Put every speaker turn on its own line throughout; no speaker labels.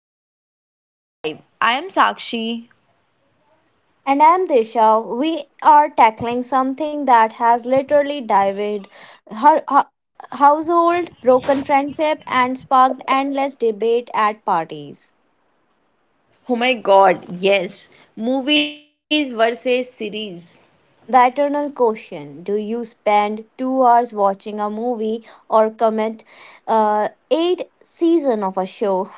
welcome to our podcast, The Deep Dive. I am Sakshi.
And I'm Disha. We are tackling something that has literally divided her household, broken friendship, and sparked endless debate at parties.
Oh my god, yes, movies versus series.
The eternal question, do you spend 2 hours watching a movie or commit eight season of a show?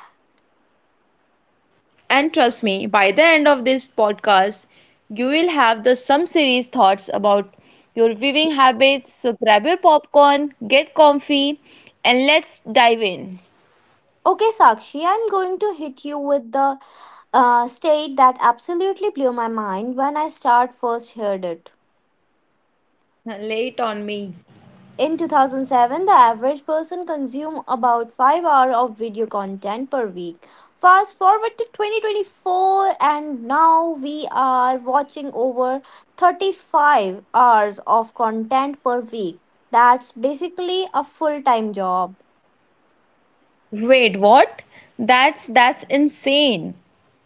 And trust me, by the end of this podcast, you will have the some series thoughts about your viewing habits. So grab your popcorn, get comfy, and let's dive in.
Okay, Sakshi, I'm going to hit you with the state that absolutely blew my mind when I start first heard it.
Late on me.
In 2007, the average person consumed about 5 hours of video content per week. Fast forward to 2024, and now we are watching over 35 hours of content per week. That's basically a full time job.
Wait, what? That's insane.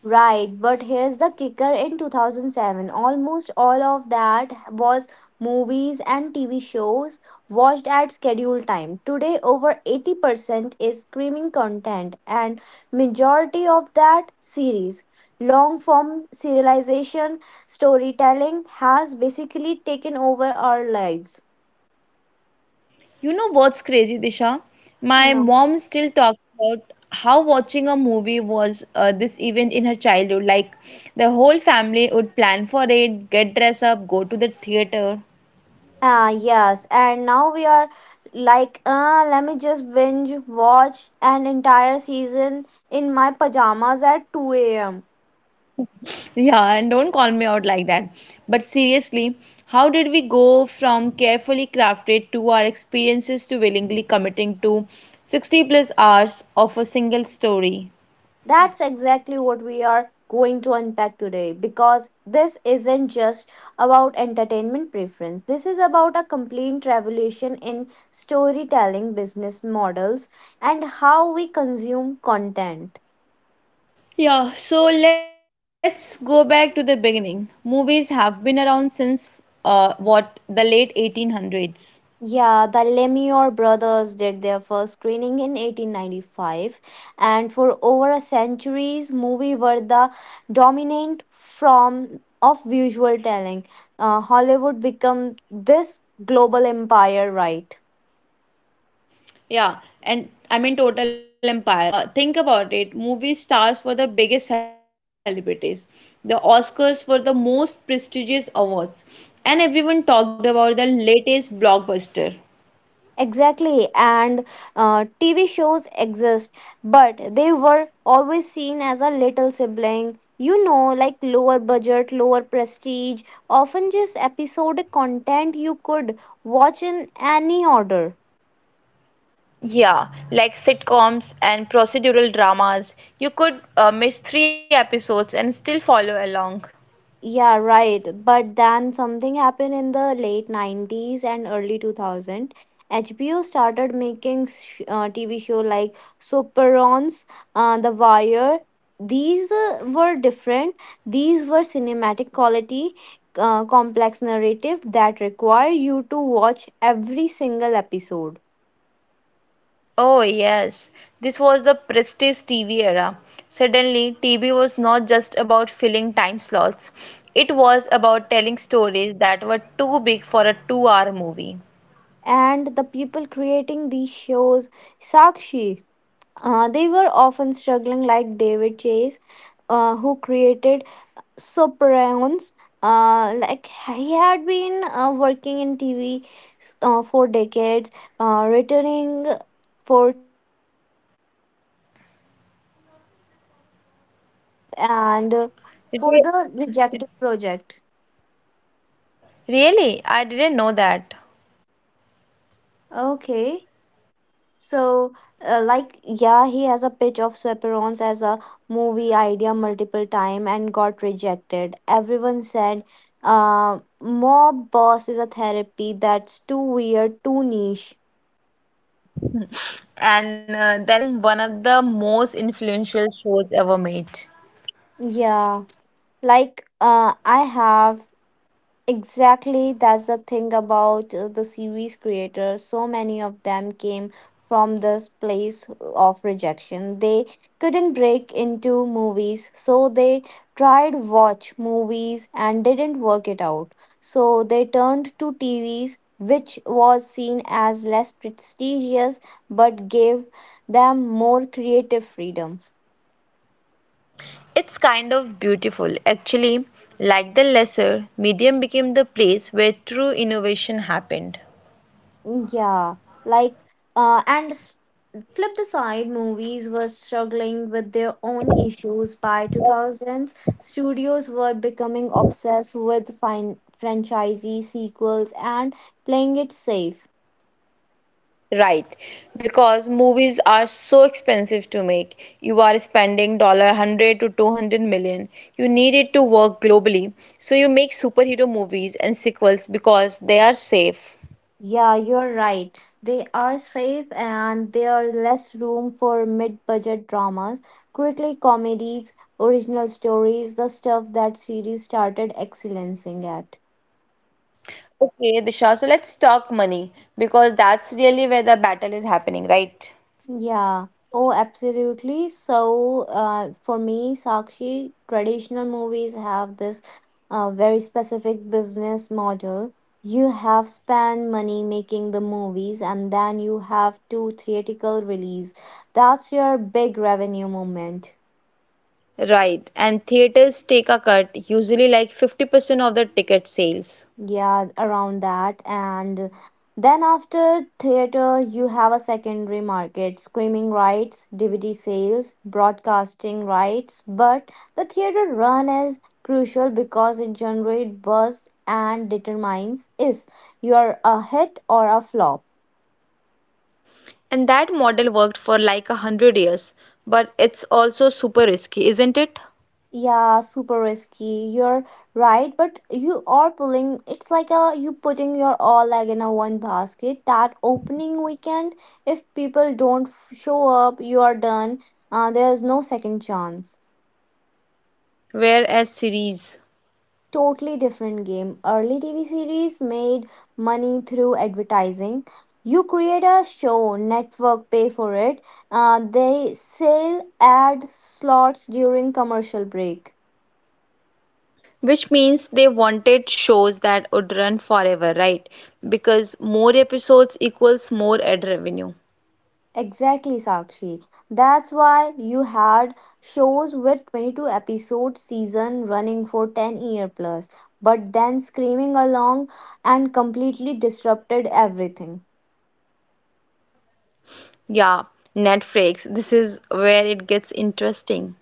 Right, but here's the kicker, in 2007, almost all of that was movies and TV shows watched at scheduled time. Today, over 80% is streaming content and majority of that series. Long form serialization storytelling has basically taken over our lives.
You know what's crazy, Disha? My
No.
mom still talks about how watching a movie was this event in her childhood. Like the whole family would plan for it, get dressed up, go to the theater.
Ah, yes. And now we are like, let me just binge watch an entire season in my pajamas at 2 a.m.
Yeah, and don't call me out like that. But seriously, how did we go from carefully crafted to our experiences to willingly committing to 60 plus hours of a single story?
That's exactly what we are going to unpack today because this isn't just about entertainment preference. This is about a complete revolution in storytelling, business models, and how we consume content.
Yeah, so let's go back to the beginning. Movies have been around since what, the late 1800s.
Yeah, the Lemure brothers did their first screening in 1895, and for over a century's movie were the dominant form of visual telling. Hollywood became this global empire, right?
Yeah, and I mean total empire. Think about it. Movie stars were the biggest celebrities. The Oscars were the most prestigious awards, and everyone talked about the latest blockbuster.
Exactly, and TV shows exist, but they were always seen as a little sibling. Like lower budget, lower prestige, often just episodic content you could watch in any order.
Yeah, like sitcoms and procedural dramas, you could miss three episodes and still follow along.
Yeah, right. But then something happened in the late 90s and early 2000. HBO started making TV show like Soperons, The Wire. These were different. These were cinematic quality, complex narrative that require you to watch every single episode.
Oh, yes. This was the prestige TV era. Suddenly, TV was not just about filling time slots, it was about telling stories that were too big for a 2 hour movie.
And the people creating these shows, Sakshi, they were often struggling like David Chase, who created Sopranos. Like he had been working in TV for decades, returning for and uh, for
Re-
the rejected project.
Really? I didn't know that.
Okay, so like yeah, he has a pitch of Sweperons as a movie idea multiple time and got rejected. Everyone said, "Mob Boss is a therapy that's too weird, too niche."
And then it became one of the most influential shows ever made.
Yeah, like I have Exactly, that's the thing about the series creators. So many of them came from this place of rejection. They couldn't break into movies, so they tried watch movies and didn't work it out. So they turned to TVs, which was seen as less prestigious but gave them more creative freedom.
It's kind of beautiful. Actually, like the lesser medium became the place where true innovation happened.
Yeah, like and flip the side, movies were struggling with their own issues. By 2000s, studios were becoming obsessed with franchisee sequels and playing it safe.
Right, because movies are so expensive to make. You are spending dollar 100 to 200 million. You need it to work globally. So you make superhero movies and sequels because they are safe.
Yeah, you're right. They are safe and there are less room for mid-budget dramas, quickly comedies, original stories, the stuff that series started excelling at.
Okay, Disha, so let's talk money because that's really where the battle is happening, right?
Yeah. Oh, absolutely. So, for me, Sakshi, traditional movies have this very specific business model. You have spent money making the movies, and then you have to theatrical release. That's your big revenue moment.
Right, and theaters take a cut, usually like 50% of the ticket
Yeah,
sales.
around that. And then after theater, you have a secondary market, streaming rights, DVD sales, broadcasting rights. But the theater run is crucial because it generates buzz and determines if you are a hit or a flop.
And that model worked for like a hundred years, but it's also super risky, isn't it?
Yeah, super risky. You're right, but you are pulling it's like a you putting your all egg in a one basket. That opening weekend, if people don't show up, you are done. There's no second chance.
Whereas series,
Totally different game. Early TV series made money through advertising. You create a show, network pay for it. They sell ad slots during commercial break.
which means they wanted shows that would run forever, right? Because more episodes equals more ad revenue.
Exactly, Sakshi. That's why you had shows with 22 episode season running for 10-year plus, but then screaming along and completely disrupted everything.
Yeah, Netflix, this is where it gets interesting.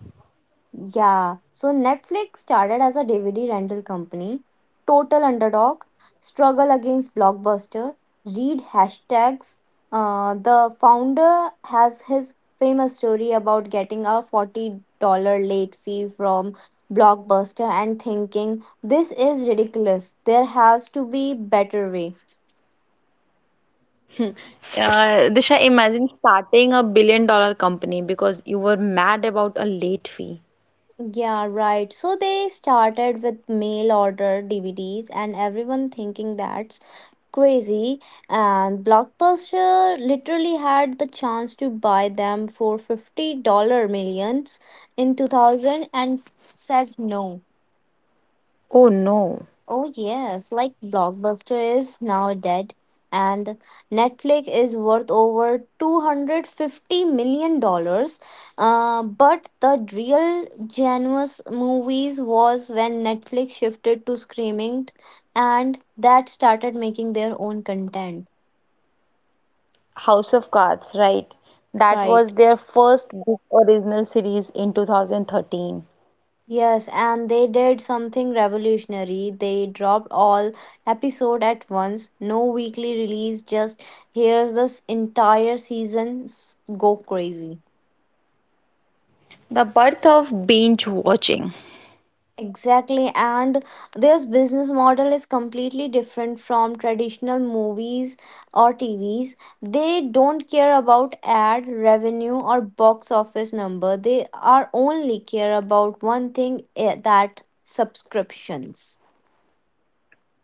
Yeah, so Netflix started as a DVD rental company, total underdog, struggle against Blockbuster, read hashtags. The founder has his famous story about getting a $40 late fee from Blockbuster and thinking, this is ridiculous, there has to be better way.
Hmm. Disha, imagine starting a billion dollar company because you were mad about a late fee.
Yeah, right. So they started with mail order DVDs, and everyone thinking that's crazy. And blockbuster literally had the chance to buy them for $50 millions in 2000 and said no.
Oh no.
Oh yes, like blockbuster is now dead, and netflix is worth over $250 million. But the real genuine movies was when netflix shifted to streaming and that started making their own content,
House of Cards, right? That was
right.
their first book original series in 2013.
Yes, and they did something revolutionary. They dropped all episode at once. No weekly release, just here's this entire season. Go crazy.
The birth of binge watching.
Exactly, and their business model is completely different from traditional movies or TVs. They don't care about ad revenue or box office number. They are only care about one thing that subscriptions.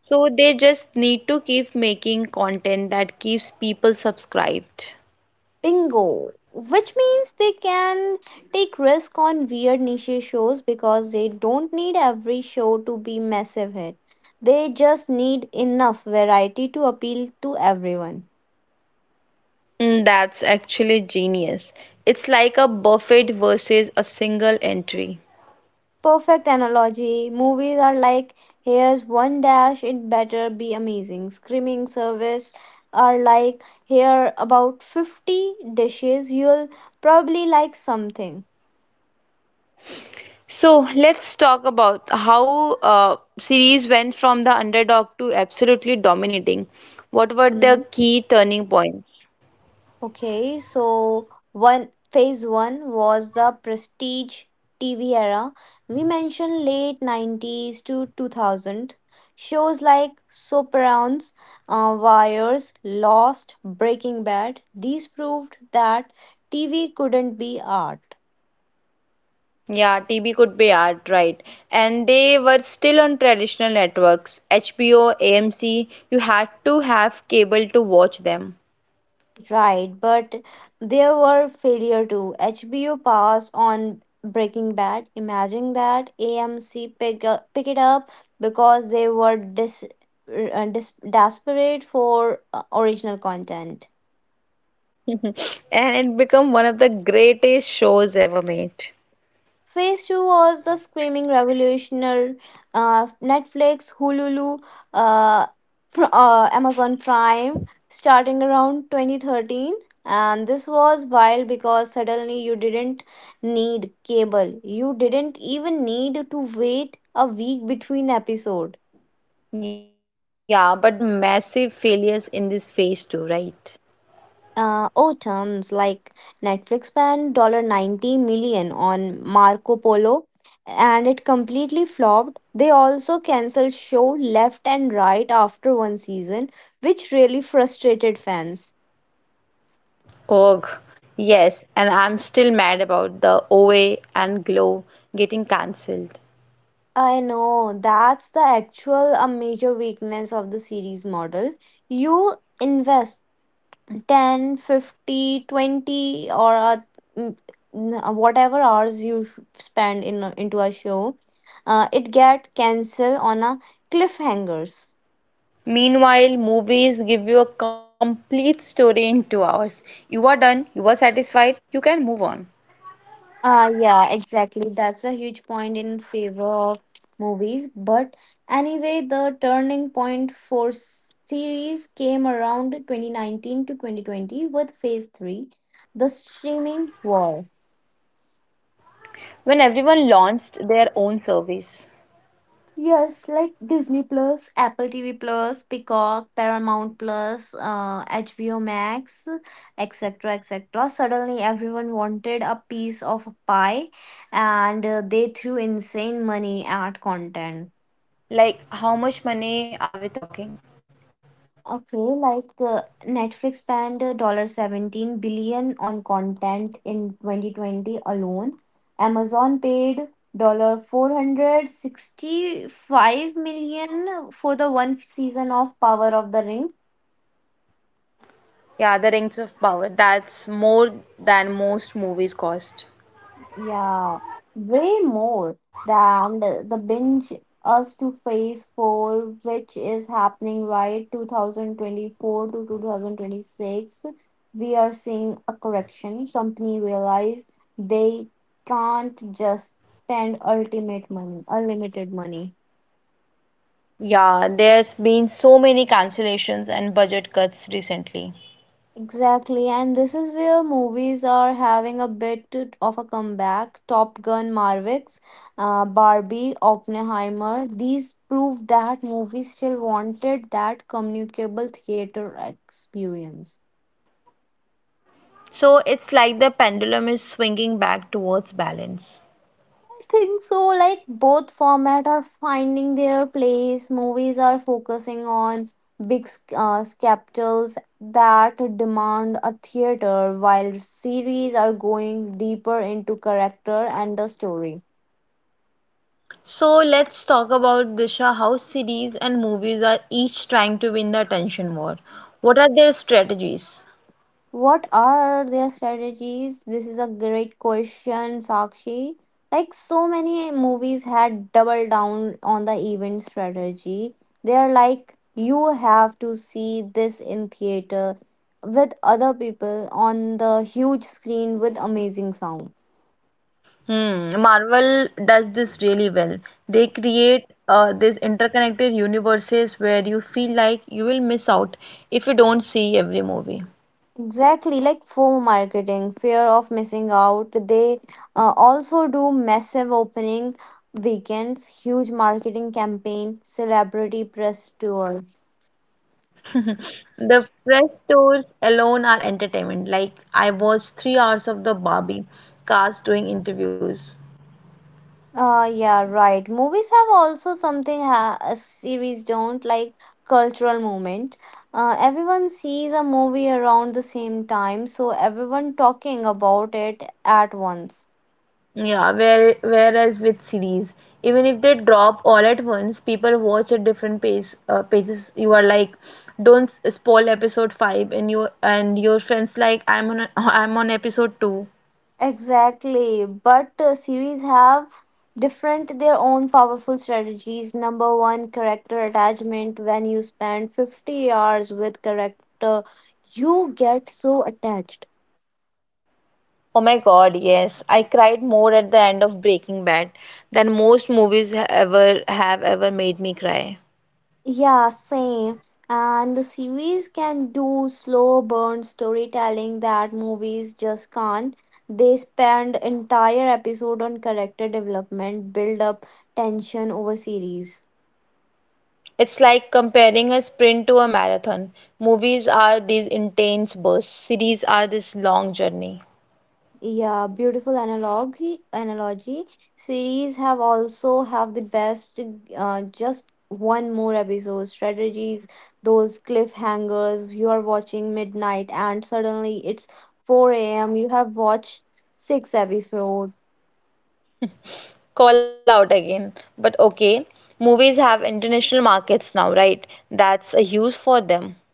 So they just need to keep making content that keeps people subscribed.
Bingo, which means they can take risk on weird niche shows because they don't need every show to be massive hit. They just need enough variety to appeal to everyone.
Mm, that's actually genius. It's like a buffet versus a single entry.
Perfect analogy. Movies are like here's one dash, it better be amazing. Screaming service are like here about 50 dishes, you'll probably like something.
So let's talk about how series went from the underdog to absolutely dominating. What were the key turning points?
Okay, so one phase one was the prestige TV era. We mentioned late 90s to 2000. Shows like Sopranos, Wires, Lost, Breaking Bad, these proved that TV couldn't be art.
Yeah, TV could be art, right? And they were still on traditional networks, HBO, AMC. You had to have cable to watch them.
Right, but there were failure too. HBO passed on Breaking Bad. Imagine that AMC pick it up because they were desperate for original content.
And it became one of the greatest shows ever made.
Phase 2 was the screaming revolutionary Netflix, Hulu, uh, Amazon Prime starting around 2013. And this was wild because suddenly you didn't need cable. You didn't even need to wait a week between episode.
Yeah, but there were massive failures in this phase too, right?
Oh, Terms like Netflix spent $90 million on Marco Polo and it completely flopped. They also canceled show left and right after one season, which really frustrated fans.
Ugh. Yes, and I'm still mad about the OA and Glow getting cancelled.
I know that's the actual a major weakness of the series model. You invest 10, 50, 20, or a, mm, n- whatever hours you spend into a show, it get cancelled on a cliffhangers.
Meanwhile, movies give you a complete story in 2 hours. You are done, you are satisfied, you can move on.
Yeah, exactly, that's a huge point in favor of movies. But anyway, the turning point for series came around 2019 to 2020 with phase 3, the streaming war.
When everyone launched their own service,
Yes, like Disney Plus, Apple TV Plus, Peacock, Paramount Plus, HBO Max, etc., etc. Suddenly, everyone wanted a piece of a pie, and they threw insane money at content.
like how much money are we talking?
Okay, like Netflix spent dollar $17 billion on content in 2020 alone. Amazon paid $465 for the one season of Power of the Ring.
Yeah, the Rings of Power, that's more than most movies cost.
Yeah, way more than the binge us to phase four, which is happening right 2024 to 2026. We are seeing a correction. Company realize they can't just spend ultimate money, unlimited money.
Yeah, there's been so many cancellations and budget cuts recently.
Exactly, and this is where movies are having a bit of a comeback. Top Gun, Marvix, Barbie, Oppenheimer. These prove that movies still wanted that communicable theater experience.
So it's like the pendulum is swinging back towards balance.
I think so. Like both format are finding their place. Movies are focusing on big capitals that demand a theater, while series are going deeper into character and the story.
So let's talk about, Disha, how series and movies are each trying to win the attention war. What are their strategies?
What are their strategies? This is a great question, Sakshi. Like so many movies had double down on the event strategy. They're like, you have to see this in theater with other people on the huge screen with amazing sound.
Hmm, Marvel does this really well. They create these interconnected universes where you feel like you will miss out if you don't see every movie.
Exactly, like FOMO marketing, fear of missing out. They also do massive opening weekends, huge marketing campaign, celebrity press tour.
The press tours alone are entertainment. Like I watched 3 hours of the Barbie cast doing interviews.
Yeah, right. Movies have also something a series don't, like cultural movement. Everyone sees a movie around the same time, so everyone talking about it at once.
Yeah, whereas with series, even if they drop all at once, people watch at different paces. You are like, don't spoil episode five, and you and your friends like, I'm on I'm on episode two.
Exactly, but series have different their own powerful strategies. Number one, character attachment. When you spend 50 hours with character, you get so attached.
Oh my God, yes, I cried more at the end of Breaking Bad than most movies ha- ever have ever made me cry.
Yeah, same. And the series can do slow burn storytelling that movies just can't. They spend entire episode on character development, build up tension over series.
It's like comparing a sprint to a marathon. Movies are these intense bursts, series are this long journey.
Yeah, beautiful analogy. Series have also have the best. Just one more episode strategies. Those cliffhangers. You are watching midnight, and suddenly it's 4 a.m. You have watched six episodes.
Call out again. But okay, movies have international markets now, right? That's a huge for them.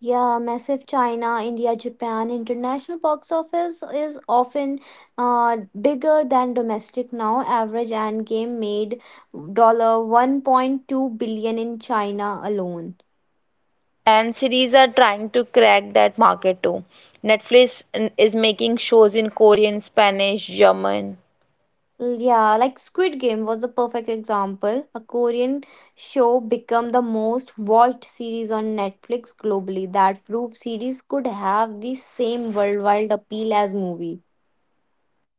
Yeah, massive China, India, Japan international box office is often bigger than domestic now. Average and game made $1.2 billion in China alone.
And series are trying to crack that market too. Is making shows in Korean, Spanish, German.
Yeah, like Squid Game was a perfect example. A Korean show become the most watched series on Netflix globally. That proof series could have the same worldwide appeal as movie.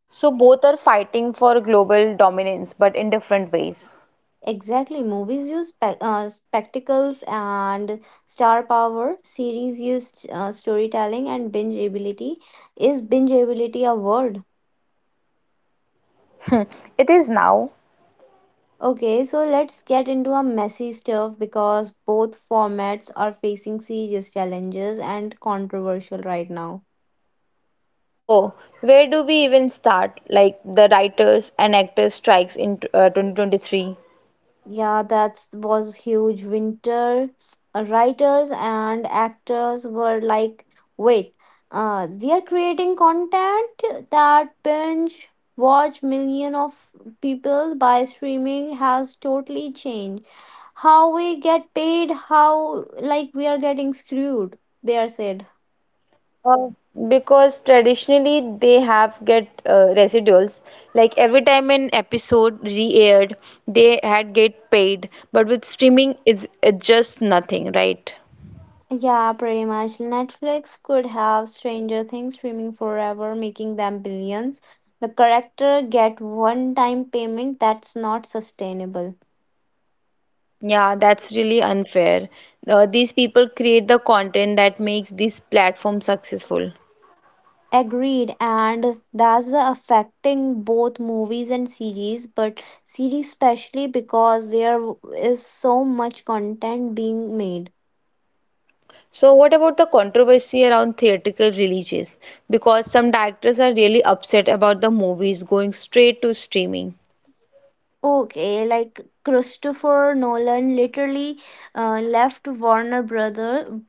So both are fighting for global dominance, but in different ways.
Exactly, movies use spectacles and star power. Series use storytelling and binge ability. Is binge ability a word?
Hmm, it is now.
Okay, so let's get into a messy stuff because both formats are facing serious challenges and controversial right now.
Oh, where do we even start? Like the writers and actors strikes in 2023.
Yeah, that was huge. Writers and actors were like, wait, we are creating content that binge watch million of people by streaming has totally changed. How we get paid, how like we are getting screwed, they are said.
Uh, because traditionally they have get residuals, like every time an episode re-aired they had get paid, but with streaming is it's just nothing, right?
Yeah, pretty much. Netflix could have Stranger Things streaming forever, making them billions. The character get one-time payment that's not sustainable.
Yeah, that's really unfair. These people create the content that makes this platform successful.
Agreed, and that's the affecting both movies and series, but series especially because there is so much content being made.
So what about the controversy around theatrical releases, because some directors are really upset about the movies going straight to streaming?
Okay, like Christopher Nolan literally left Warner Brother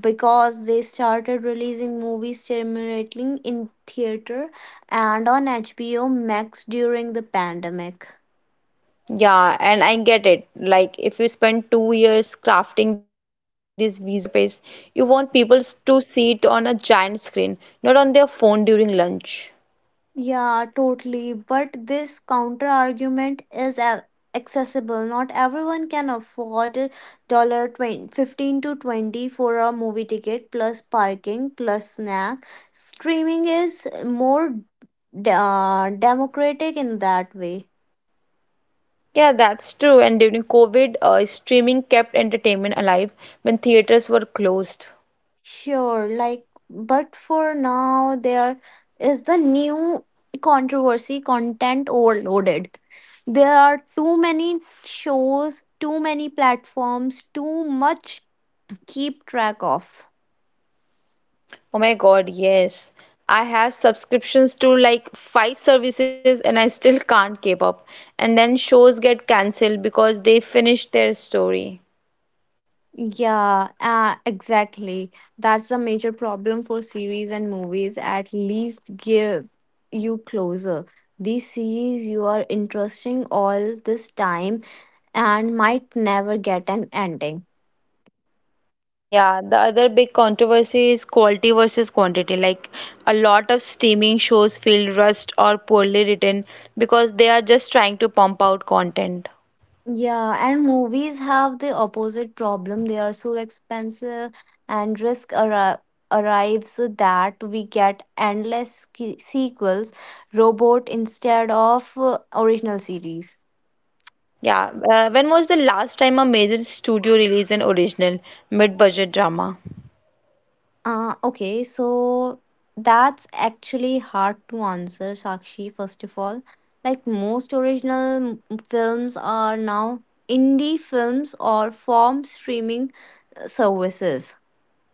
because they started releasing movies simultaneously in theater and on HBO Max during the pandemic.
Yeah, and I get it. Like, if you spend 2 years crafting this visual masterpiece, you want to see it on a giant screen, not on their phone during lunch.
Yeah, totally. But this counter argument is accessible. Not everyone can afford a dollar 20, 15 to 20 for a movie ticket plus parking plus snack. Streaming is more democratic in that way.
Yeah, that's true. And during COVID, streaming kept entertainment alive when theaters were closed.
Sure, like, but for now, there is the new controversy content overloaded. There are too many shows, too many platforms, too much keep track of.
Oh my God, yes. I have subscriptions to like five services and I still can't keep up. And then shows get cancelled because they finish their story.
Yeah, exactly. That's a major problem for series and movies. At least give you closer. These series you are interesting all this time and might never get an ending.
Yeah, the other big controversy is quality versus quantity. Like a lot of streaming shows feel rushed or poorly written because they are just trying to pump out content.
Yeah, and movies have the opposite problem. They are so expensive, and arrives that we get endless sequels, robot instead of original series.
Yeah, when was the last time a major studio released an original mid-budget drama?
Okay, so that's actually hard to answer, Sakshi, first of all. Like most films are now indie films or form streaming services.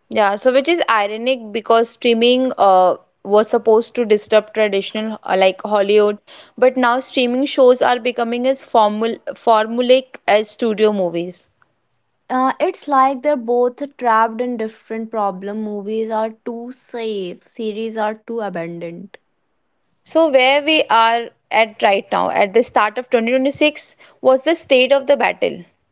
Yeah, so which is ironic because streaming was supposed to disrupt traditional like Hollywood, but now streaming shows are becoming as formulaic as studio movies.
It's like they're both trapped in different problem. Movies are too safe, series are too abandoned.
So, where we are at right now, at the start of 2026, was the state of the battle.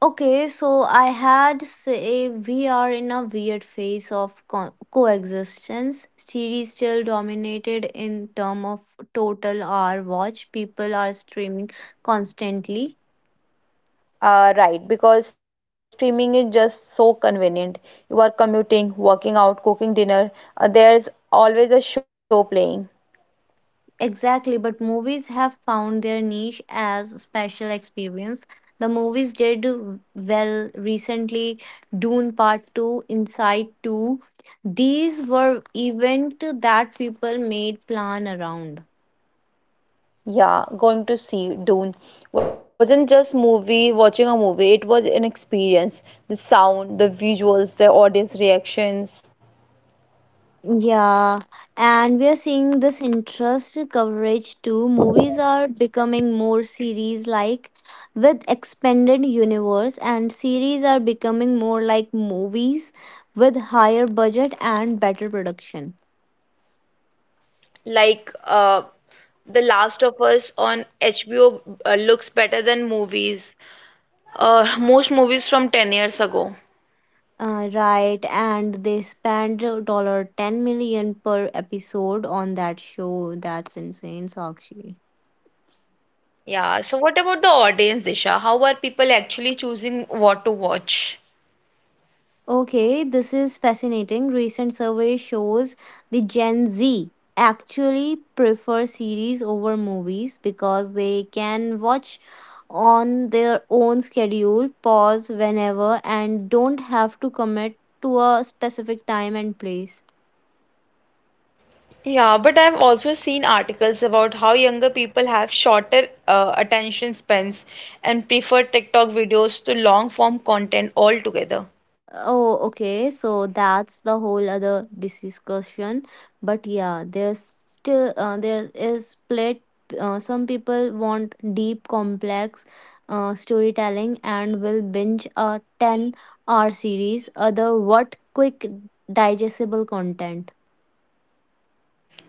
Okay, so I had say we are in a weird phase of coexistence. Series still dominated in term of total hour watch. People are streaming constantly.
Right, because streaming is just so convenient. You are commuting, working out, cooking dinner. There's always a show playing.
Exactly, but movies have found their niche as special experience. The movies did well recently, Dune Part 2, Inside 2. These were event that people made plan around.
Yeah, going to see Dune wasn't just movie watching a movie. It was an experience. The sound, the visuals, the audience reactions.
Yeah, and we are seeing this interest coverage too. Movies are becoming more series like with expanded universe, and series are becoming more like movies with higher budget and better production.
Like The Last of Us on HBO looks better than movies most movies from 10 years ago.
Right, and they spend dollar 10 million per episode on that show. That's insane, Sakshi.
Yeah, so what about the audience, Disha? How are people actually choosing what to watch?
Okay, this is fascinating. Recent survey shows the Gen Z actually prefer series over movies because they can watch on their own schedule, pause whenever, and don't have to commit to a specific time and place.
Yeah, but I've also seen articles about how younger people have shorter attention spans and prefer TikTok videos to long form content altogether.
Oh, okay. So that's the whole other discussion. But yeah, there is split. Some people want deep, complex storytelling and will binge a 10-hour series. Other what quick, digestible content.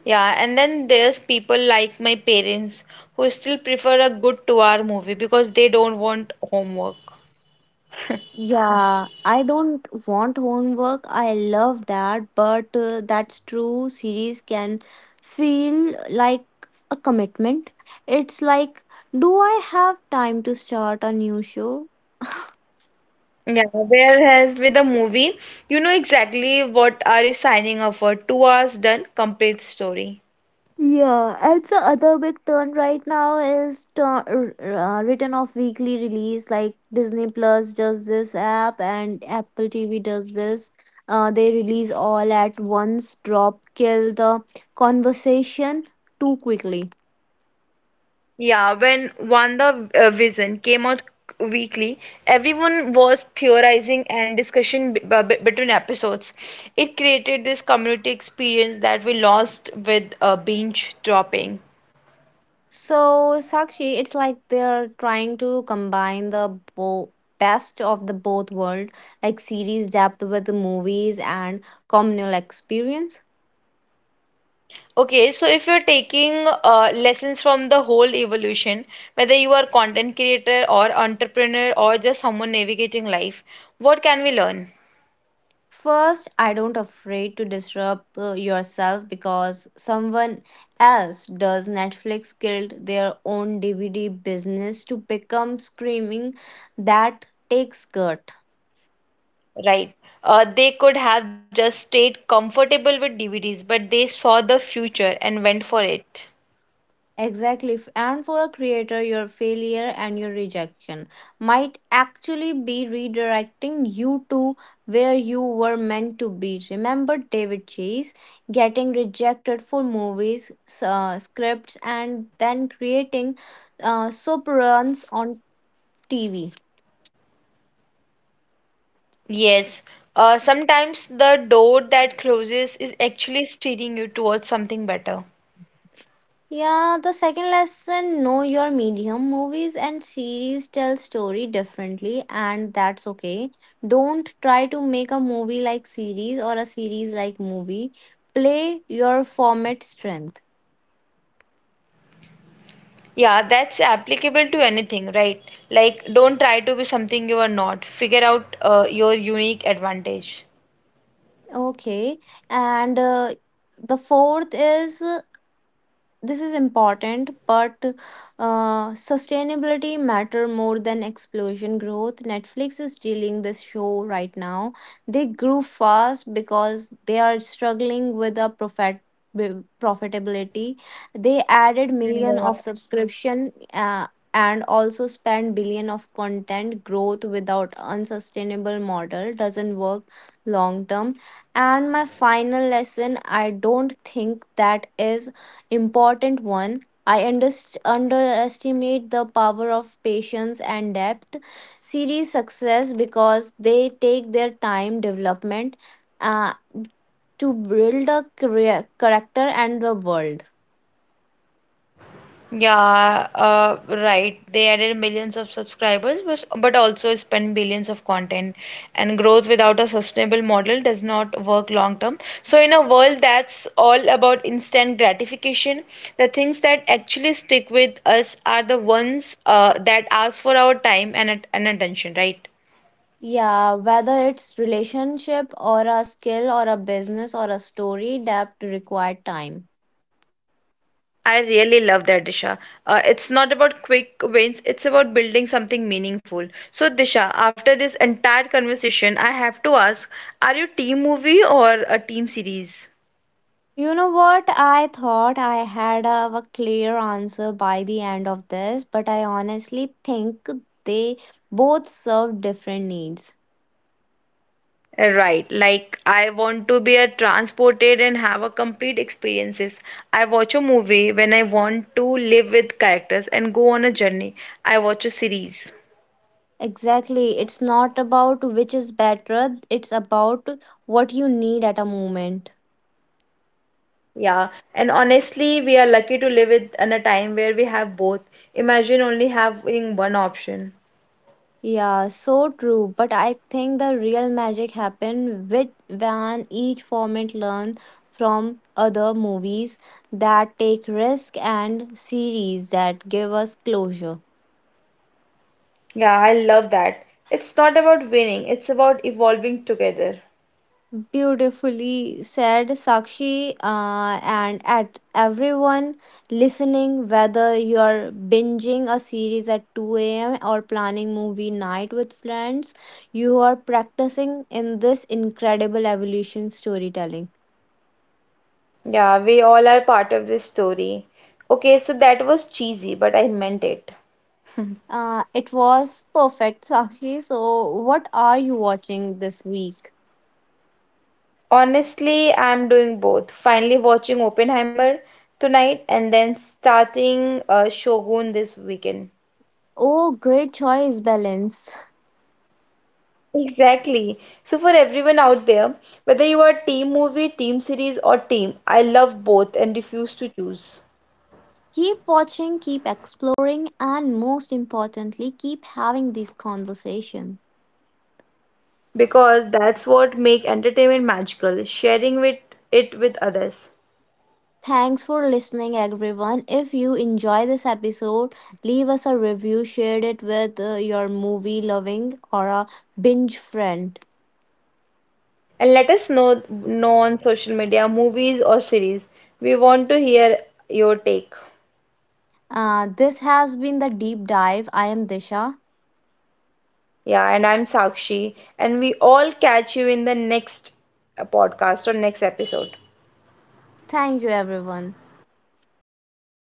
Yeah, and then there's people like my parents who still prefer a good 2 hour movie because they don't want homework.
Yeah, I don't want homework. I love that, but that's true. Series can feel like a commitment. It's like, do I have time to start a new show?
Yeah, there has with the movie, you know exactly what are you signing up for. 2 hours done, complete story.
Yeah, and the other big turn right now is turn, written off weekly release. Like Disney Plus does this app, and Apple TV does this. They release all at once, drop, kill the conversation too quickly.
Yeah, when Wanda Vision came out weekly, everyone was theorizing and discussion b b between episodes. It created this community experience that we lost with binge dropping.
So, Sakshi, it's like they're trying to combine the best of the both world, like series depth with the movies and communal experience.
Okay, so if you're taking lessons from the whole evolution, whether you are content creator or entrepreneur or just someone navigating life, what can we learn?
First, I don't afraid to disrupt yourself because someone else does. Netflix killed their own DVD business to become screaming that takes gut.
Right. They could have just stayed comfortable with DVDs, but they saw the future and went for it.
Exactly. And for a creator, your failure and your rejection might actually be redirecting you to where you were meant to be. Remember David Chase getting rejected for movies, scripts, and then creating soap runs on TV.
Yes. Sometimes the door that closes is actually steering you towards something better.
Yeah, the second lesson know your medium. Movies and series tell story differently and that's okay. Don't try to make a movie like series or a series like movie. Play your format strength.
Yeah, that's applicable to anything, right? Like, don't try to be something you are not. Figure out your unique advantage.
Okay. And the fourth is this is important but sustainability matter more than explosion growth. Netflix is dealing this show right now. They grew fast because they are struggling with a profit with profitability. They added million of
Yeah.
subscription, and also spend billion of content growth without unsustainable model doesn't work long term. And my final lesson, I don't think that is important one. I underestimate the power of patience and depth. Series success because they take their time development uh, to build a career, character and the world.
Yeah, right. They added millions of subscribers, but also spend billions of content. And growth without a sustainable model does not work long term. So, in a world that's all about instant gratification, the things that actually stick with us are the ones that ask for our time and attention, right?
Yeah, whether it's relationship or a skill or a business or a story, depth required time.
I really love that, Disha. It's not about quick wins, it's about building something meaningful. So, Disha, after this entire conversation, I have to ask, are you team movie or a team series?
You know what? I thought I had a clear answer by the end of this, but I honestly think they both serve different needs.
Right, like I want to be a transported and have a complete experiences. I watch a movie when I want to live with characters and go on a journey. I watch a series.
Exactly. It's not about which is better, it's about what you need at a moment.
Yeah, and honestly, we are lucky to live it in a time where we have both. Imagine only having one option.
Yeah, so true. But I think the real magic happened with when each format learn from other movies that take risk and series that give us closure.
Yeah, I love that. It's not about winning, it's about evolving together.
Beautifully said, Sakshi, and at everyone listening, whether you're binging a series at 2 a.m. or planning movie night with friends, you are practicing in this incredible evolution storytelling.
Yeah, we all are part of this story. Okay, so that was cheesy, but I meant it.
It was perfect, Sakshi. So, what are you watching this week?
Honestly, I'm doing both. Finally, watching Oppenheimer tonight and then starting Shogun this weekend.
Oh, great choice, Balance.
Exactly. So, for everyone out there, whether you are team movie, team series, or team, I love both and refuse to choose.
Keep watching, keep exploring, and most importantly, keep having these conversations.
Because that's what make entertainment magical, sharing with it with others.
Thanks for listening, everyone. If you enjoy this episode, leave us a review, share it with your movie loving or a binge friend.
And let us know on social media, movies or series. We want to hear your take.
This has been the deep dive. I am Disha.
Yeah, and I'm Sakshi, and we all catch you in the next podcast or next episode.
Thank you, everyone.